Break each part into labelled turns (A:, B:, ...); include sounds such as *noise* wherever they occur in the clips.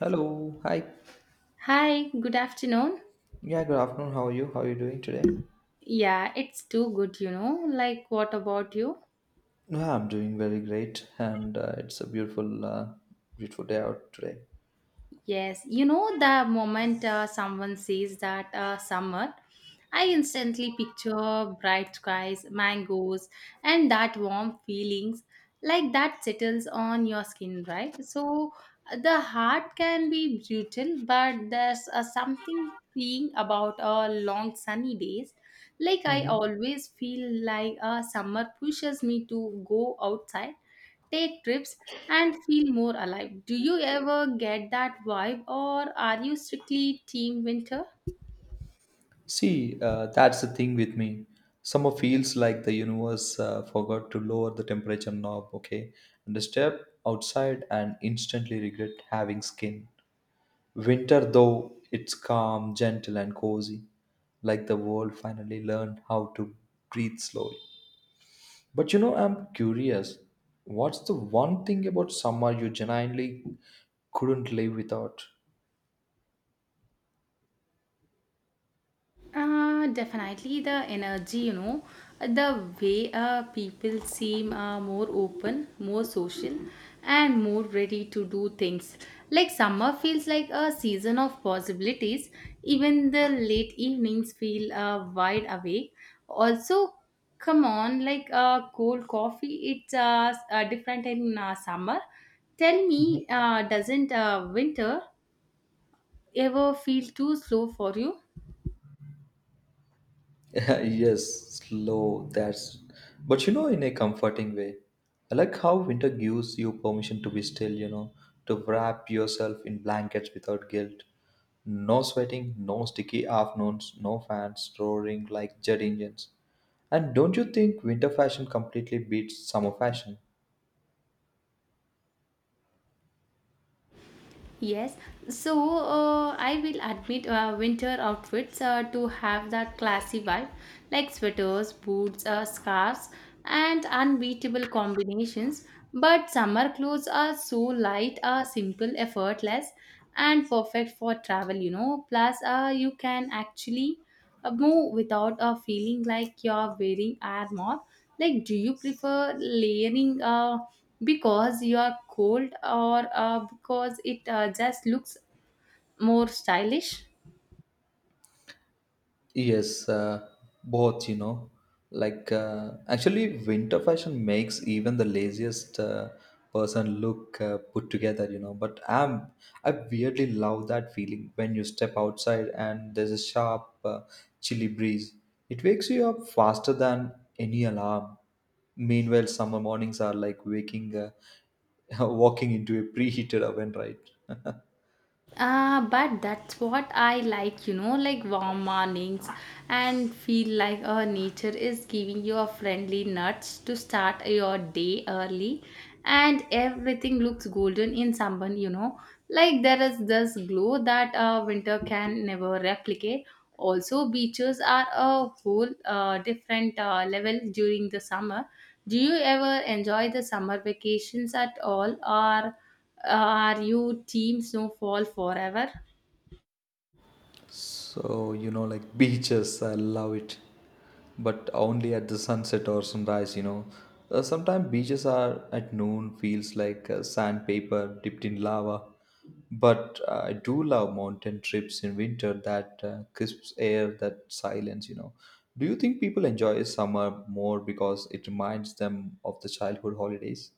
A: Hello, hi.
B: Hi, good afternoon.
A: Yeah, good afternoon. How are you? How are you doing today?
B: Yeah, it's too good, you know. Like, what about you?
A: Yeah, I'm doing very great, and it's a beautiful, beautiful day out today.
B: Yes, you know, the moment someone says that summer, I instantly picture bright skies, mangoes, and that warm feelings like that settles on your skin, right? So the heart can be brutal, but there's something freeing about long sunny days. Like I
A: Hmm.
B: always feel like summer pushes me to go outside take trips, and feel more alive. Do you ever get that vibe, or are you strictly team winter?
A: See, that's the thing with me. Summer feels like the universe forgot to lower the temperature knob. Okay, and the step outside and instantly regret having skin. Winter, though, it's calm, gentle, and cozy, like the world finally learned how to breathe slowly. But you know, I'm curious, what's the one thing about summer you genuinely couldn't live without?
B: Definitely the energy, you know, the way people seem more open, more social, and more ready to do things. Like summer feels like a season of possibilities, even the late evenings feel wide awake. Also, come on, like cold coffee, it's different in summer. Tell
A: Mhm.
B: me, doesn't winter ever feel too slow for you?
A: *laughs* Yes, slow, that's. But you know, in a comforting way. I like how winter gives you permission to be still, you know, to wrap yourself in blankets without guilt. No sweating, no sticky afternoons, no fans roaring like jet engines. And don't you think winter fashion completely beats summer fashion?
B: Yes, so I will admit winter outfits to have that classy vibe, like sweaters, boots, scarves, and unbeatable combinations. But summer clothes are so light, simple, effortless, and perfect for travel, you know. Plus, you can actually move without a feeling like you're wearing armor like do you prefer layering because you are cold or because it just looks more stylish.
A: Yes, both, you know. Like, actually, winter fashion makes even the laziest person look put together, you know. I weirdly love that feeling when you step outside and there's a sharp, chilly breeze. It wakes you up faster than any alarm. Meanwhile, summer mornings are like *laughs* walking into a preheated oven, right? *laughs*
B: Ah, but that's what I like, you know, like warm mornings and feel like oh, nature is giving you a friendly nudge to start your day early and everything looks golden in someone, you know. Like there is this glow that winter can never replicate. Also, beaches are a whole different level during the summer. Do you ever enjoy the summer vacations at all, or are you team snowfall forever?
A: So, you know, like beaches, I love it, but only at the sunset or sunrise, you know. Sometimes beaches are at noon, feels like sandpaper dipped in lava. But I do love mountain trips in winter, that crisp air, that silence, you know. Do you think people enjoy summer more because it reminds them of the childhood holidays?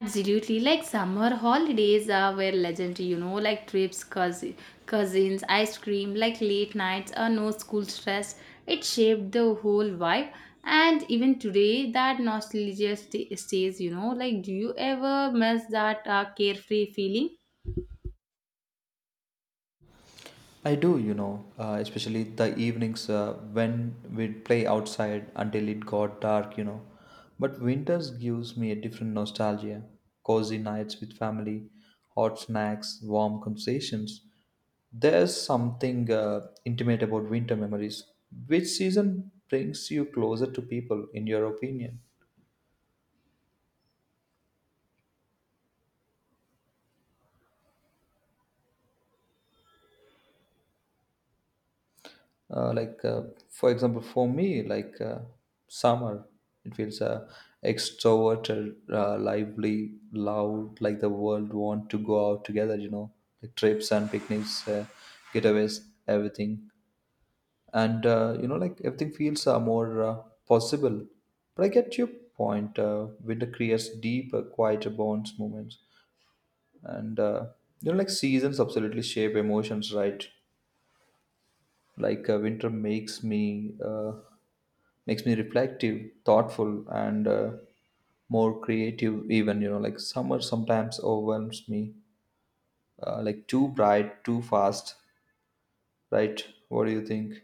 B: Absolutely, like summer holidays are were legendary, you know, like trips, cousin, cousins, ice cream, like late nights, or no school stress. It shaped the whole vibe, and even today, that nostalgia stays, you know. Like, do you ever miss that carefree feeling?
A: I do, you know, especially the evenings when we'd play outside until it got dark, you know. But winters gives me a different nostalgia. Cozy nights with family, hot snacks, warm conversations. There's something intimate about winter memories. Which season brings you closer to people, in your opinion? uh, like uh, for example for me summer, it feels extroverted, lively, loud, like the world want to go out together, you know, like trips and picnics, getaways, everything. And you know, like everything feels more possible. But I get your point, winter creates deeper, quieter bonds moments. And you know, like seasons absolutely shape emotions, right? Like winter makes me reflective, thoughtful, and more creative. Even you know, like summer sometimes overwhelms me, like too bright, too fast. Right? What do you think?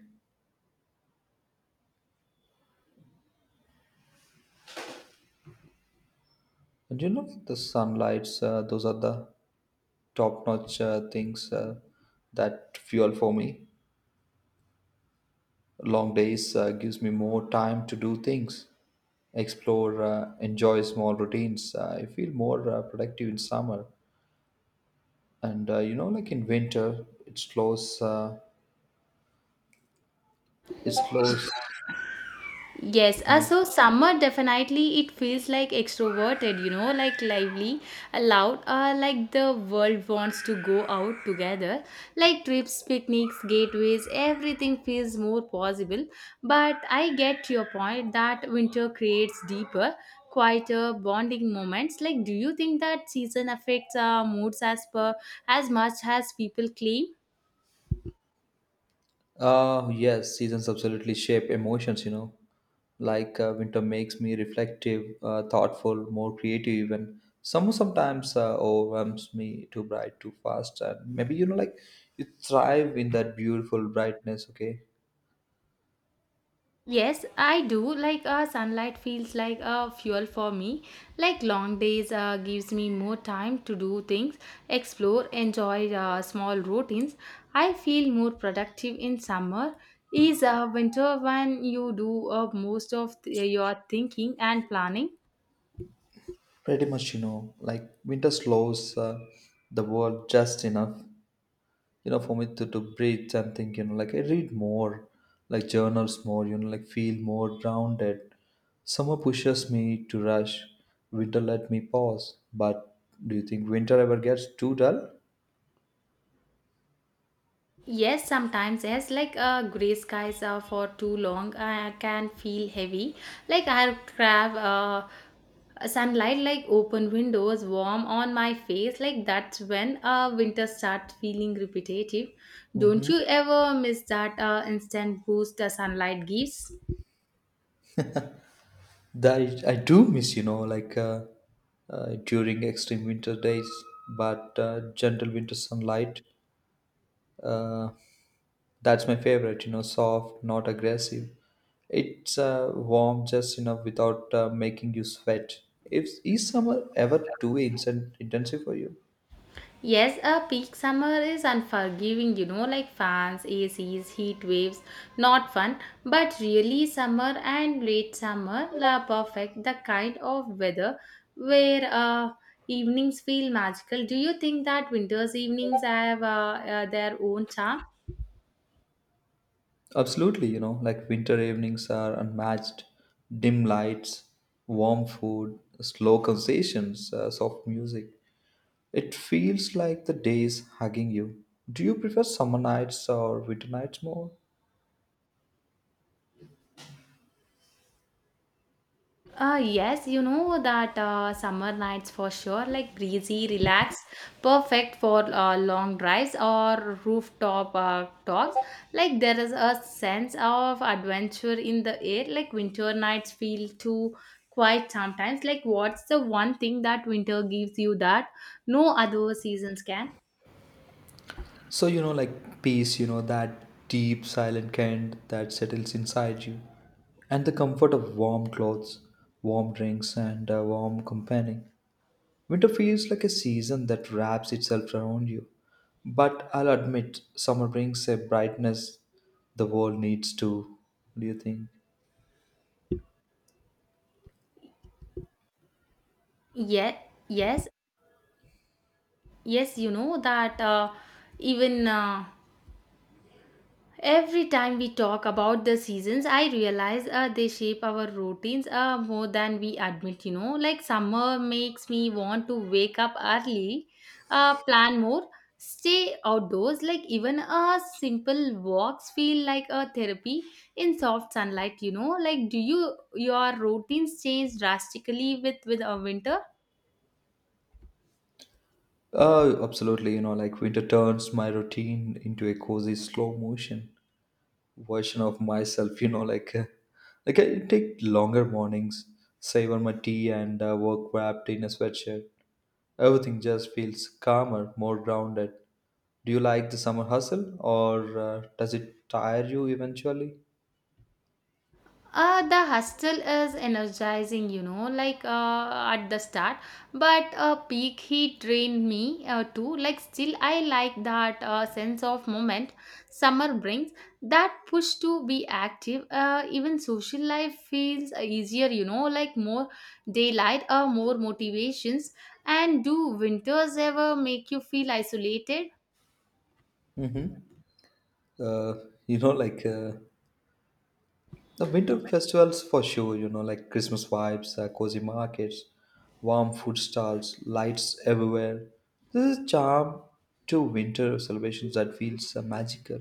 A: And you know, the sunlights. Those are the top-notch things that fuel for me. Long days gives me more time to do things, explore, enjoy small routines. I feel more productive in summer. And you know, like in winter it slows,
B: Yes,
A: you know.
B: so summer definitely it feels like extroverted, you know, like lively, loud, like the world wants to go out together. Like trips, picnics, gateways, everything feels more possible. But I get your point that winter creates deeper, quieter bonding moments. Like, do you think that season affects our moods as per as much as people claim?
A: Uh, yes, seasons absolutely shape emotions, you know, like winter makes me reflective, thoughtful, more creative. Even summer sometimes overwhelms me, too bright, too fast. And maybe, you know, like you thrive in that beautiful brightness. Okay,
B: Yes, I do. Like sunlight feels like a fuel for me. Like long days gives me more time to do things, explore, enjoy small routines. I feel more productive in summer. Is winter when you do most of your thinking and planning.
A: pretty much, you know, like winter slows the world just enough, you know, for me to breathe and think, you know, like I read more, like journals more, you know, like feel more grounded. Summer pushes me to rush, winter let me pause. But do you think winter ever gets too dull?
B: Yes, sometimes yes, like gray skies for too long I can feel heavy. Like I grab sunlight, like open windows, warm on my face. Like that's when winter starts feeling repetitive. Don't
A: Mhm.
B: you ever miss that instant boost the sunlight gives?
A: That I do miss, you know, during extreme winter days. But gentle winter sunlight, uh, that's my favorite, you know, soft, not aggressive. It's warm, just, you know, without making you sweat. If, is summer ever too instant, intensive for you?
B: Yes, a peak summer is unforgiving, you know, like fans, ACs, heat waves, not fun, but really summer and late summer are perfect, the kind of weather where evenings feel magical. Do you think that winter's evenings have their own charm?
A: Absolutely, you know, like winter evenings are unmatched. Dim lights, warm food, slow conversations, soft music. It feels like the day is hugging you. Do you prefer summer nights or winter nights more?
B: Yes, you know that summer nights for sure, like breezy, relaxed, perfect for long drives or rooftop talks. Like there is a sense of adventure in the air. Like winter nights feel too quiet sometimes. Like what's the one thing that winter gives you that no other seasons can?
A: So, you know, like peace, you know, that deep, silent kind that settles inside you, and the comfort of warm clothes, warm drinks, and a warm company. Winter feels like a season that wraps itself around you. But I'll admit, summer brings a brightness the world needs too. What do you think?
B: Yeah, yes, yes, you know that even. Every time we talk about the seasons, I realize they shape our routines more than we admit, you know. Like summer makes me want to wake up early, plan more, stay outdoors. Like even a simple walks feel like a therapy in soft sunlight, you know. Like do you your routines change drastically with a winter?
A: Oh, absolutely. You know, like winter turns my routine into a cozy slow motion version of myself, you know, like I take longer mornings, savor my tea and work wrapped in a sweatshirt. Everything just feels calmer, more grounded. Do you like the summer hustle, or does it tire you eventually?
B: The hustle is energizing, you know, like at the start, but peak heat drained me too. Like, still, I like that sense of moment summer brings that push to be active. Even social life feels easier, you know, like more daylight, more motivations. And do winters ever make you feel isolated?
A: Mm-hmm. uh, you know like uh, the winter festivals for sure, you know, like Christmas vibes, cozy markets, warm food stalls, lights everywhere. This is charm to winter celebrations that feels magical.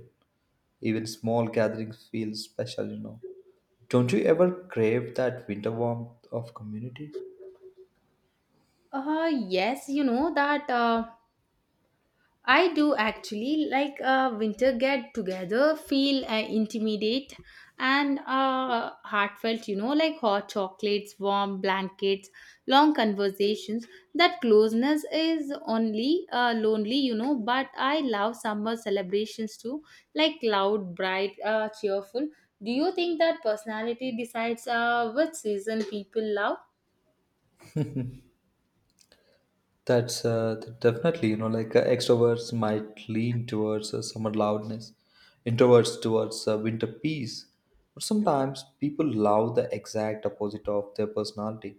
A: Even small gatherings feel special, you know. Don't you ever crave that winter warmth of community?
B: Yes, you know that. I do actually like a winter get together, feel intimidate and heartfelt, you know, like hot chocolates, warm blankets, long conversations. That closeness is only lonely, you know, but I love summer celebrations too, like loud, bright, cheerful. Do you think that personality decides which season people love?
A: That's definitely, you know, like extroverts might lean towards summer loudness, introverts towards winter peace. But sometimes people love the exact opposite of their personality.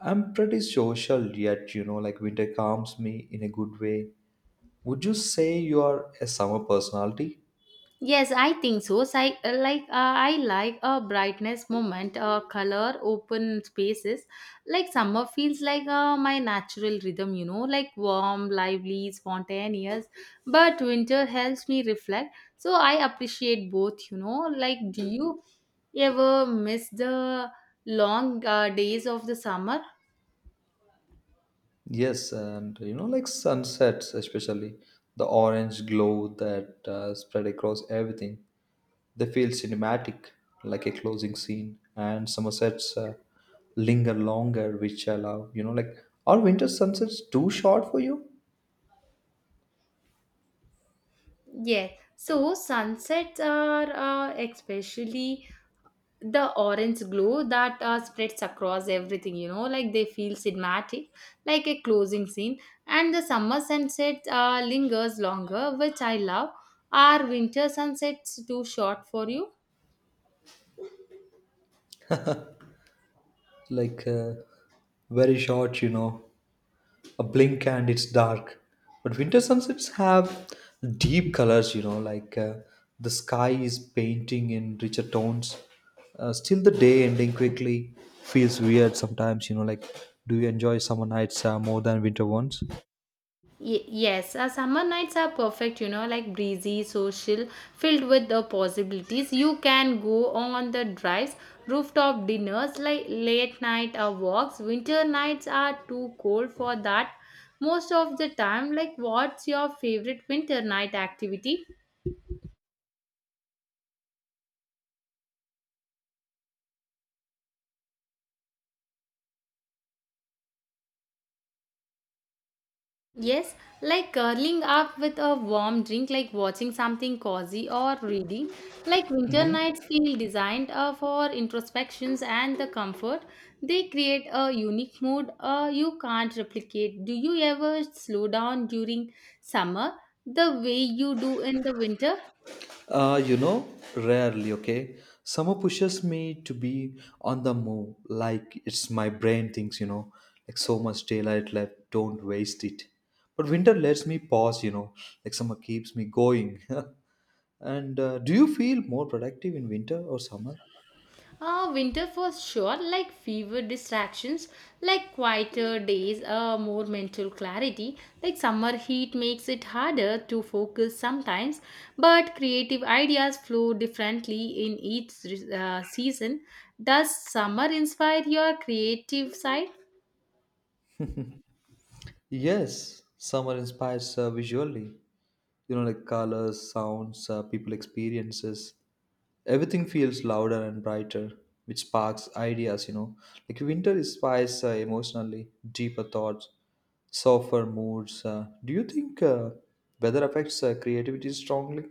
A: I'm pretty social, yet, you know, like winter calms me in a good way. Would you say you are a summer personality?
B: Yes, I think so. So I I like a brightness moment, color, open spaces. Like summer feels like my natural rhythm, you know, like warm, lively, spontaneous. But winter helps me reflect. So I appreciate both, you know. Like, do you ever miss the long days of the summer?
A: Yes, and you know, like sunsets, especially the orange glow that spread across everything, they feel cinematic, like a closing scene. And summer sets linger longer, which I love. You know, like are winter sunsets too short for you?
B: Yes. So sunsets are especially the orange glow that spreads across everything, you know, like they feel cinematic, like a closing scene. And the summer sunset lingers longer, which I love. Are winter sunsets too short for you?
A: Like uh, very short, you know. A blink and it's dark. But winter sunsets have deep colors, you know, like the sky is painting in richer tones. Still, the day ending quickly feels weird sometimes, you know, like do you enjoy summer nights more than winter ones?
B: Yes, summer nights are perfect, you know, like breezy, social, filled with the possibilities. You can go on the drives, rooftop dinners, like late night walks. Winter nights are too cold for that most of the time. Like, what's your favorite winter night activity? Yes, like curling up with a warm drink, like watching something cozy or reading. Like winter nights feel designed for introspections and the comfort. They create a unique mood you can't replicate. Do you ever slow down during summer the way you do in the winter?
A: You know, rarely, okay? Summer pushes me to be on the move. Like, it's my brain thinks, you know, like so much daylight left, don't waste it. But winter lets me pause, you know, like summer keeps me going. *laughs* And do you feel more productive in winter or summer?
B: Winter for sure, like fewer distractions, like quieter days, more mental clarity. Like summer heat makes it harder to focus sometimes, but creative ideas flow differently in each season. Does summer inspire your creative side?
A: Yes, summer inspires visually, you know, like colors, sounds, people experiences. Everything feels louder and brighter, which sparks ideas, you know. Like winter inspires emotionally, deeper thoughts, softer moods. Uh, do you think weather affects creativity strongly?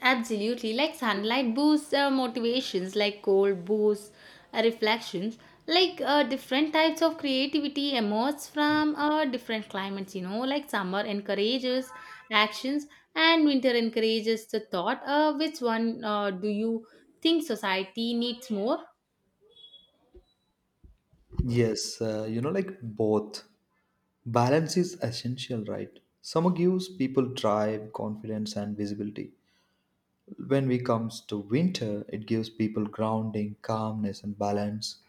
B: Absolutely, like sunlight boosts motivations, like cold boosts reflections. Like different types of creativity emerge from different climates, you know, like summer encourages actions and winter encourages the thought. Which one do you think society needs more?
A: Yes, you know, like both, balance is essential, right? Summer gives people drive, confidence, and visibility. When we comes to winter, it gives people grounding, calmness, and balance.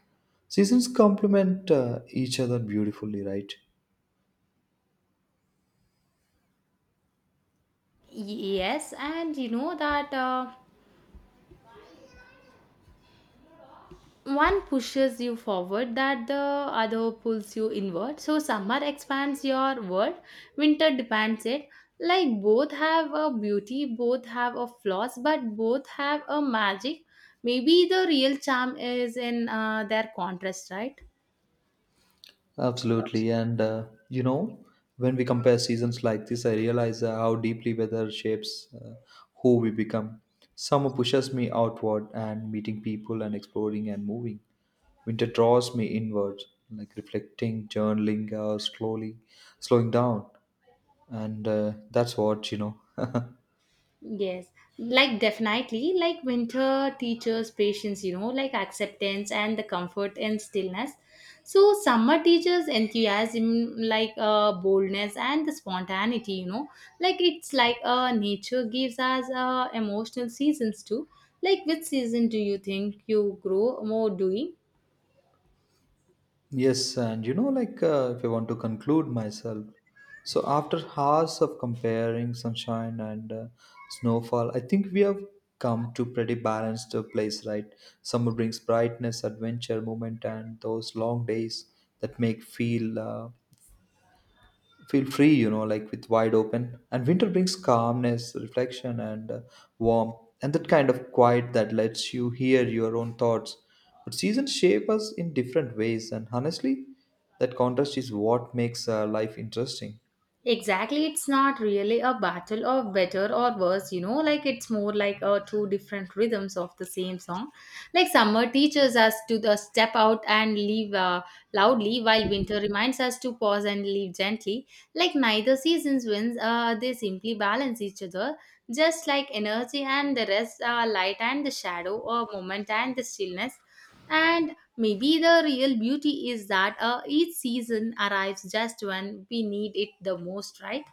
A: Seasons complement each other beautifully, right?
B: Yes, and you know that. One pushes you forward that the other pulls you inward, so summer expands your world, winter demands it. Like both have a beauty, both have a flaws, but both have a magic. Maybe the real charm is in their contrast, right?
A: Absolutely. And, you know, when we compare seasons like this, I realize how deeply weather shapes who we become. Summer pushes me outward and meeting people and exploring and moving. Winter draws me inward, like reflecting, journaling, slowly, slowing down. And that's what, you know. *laughs*
B: Yes, like definitely, like winter teaches patience, you know, like acceptance and the comfort and stillness. So summer teaches enthusiasm, like boldness and the spontaneity, you know, like it's like nature gives us emotional seasons too. Like which season do you think you grow more doing?
A: Yes, and you know, like if I want to conclude myself, so after hours of comparing sunshine and snowfall, I think we have come to pretty balanced place, right? Summer brings brightness, adventure, movement, and those long days that make feel free, you know, like with wide open. And winter brings calmness, reflection, and warmth, and that kind of quiet that lets you hear your own thoughts. But seasons shape us in different ways, and honestly, that contrast is what makes life interesting.
B: Exactly, it's not really a battle of better or worse, you know, like it's more like two different rhythms of the same song. Like summer teaches us to the step out and leave loudly, while winter reminds us to pause and leave gently. Like neither seasons wins, they simply balance each other, just like energy and the rest, light and the shadow, or moment and the stillness. And maybe the real beauty is that each season arrives just when we need it the most, right?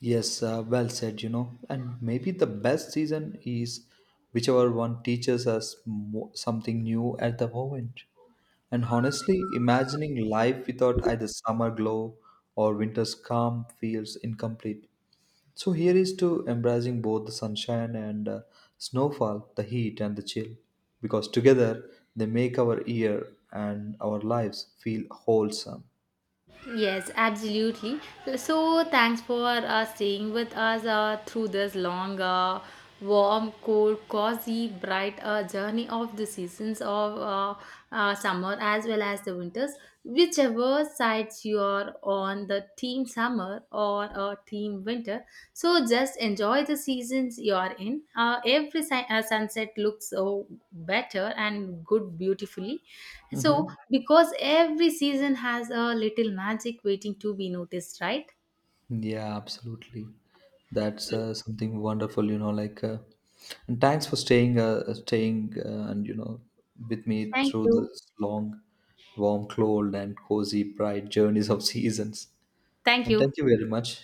A: Yes, well said, you know. And maybe the best season is whichever one teaches us something new at the moment. And honestly, imagining life without either summer glow or winter's calm feels incomplete. So here is to embracing both the sunshine and snowfall, the heat and the chill, because together they make our year and our lives feel wholesome.
B: Yes, absolutely. So, thanks for staying with us through this long, warm, cold, cozy, bright journey of the seasons of summer as well as the winters. Whichever sides you are on, the team summer or a team winter. So just enjoy the seasons you are in. Every sunset looks so better and good beautifully. So
A: Mhm.
B: because every season has a little magic waiting to be noticed, right?
A: Yeah, absolutely. That's something wonderful, you know. Like, and thanks for staying, and you know, with me
B: Thank
A: through
B: you.
A: this long, warm, cold, and cozy, bright journeys of *laughs* seasons.
B: Thank
A: And
B: you.
A: thank you very much.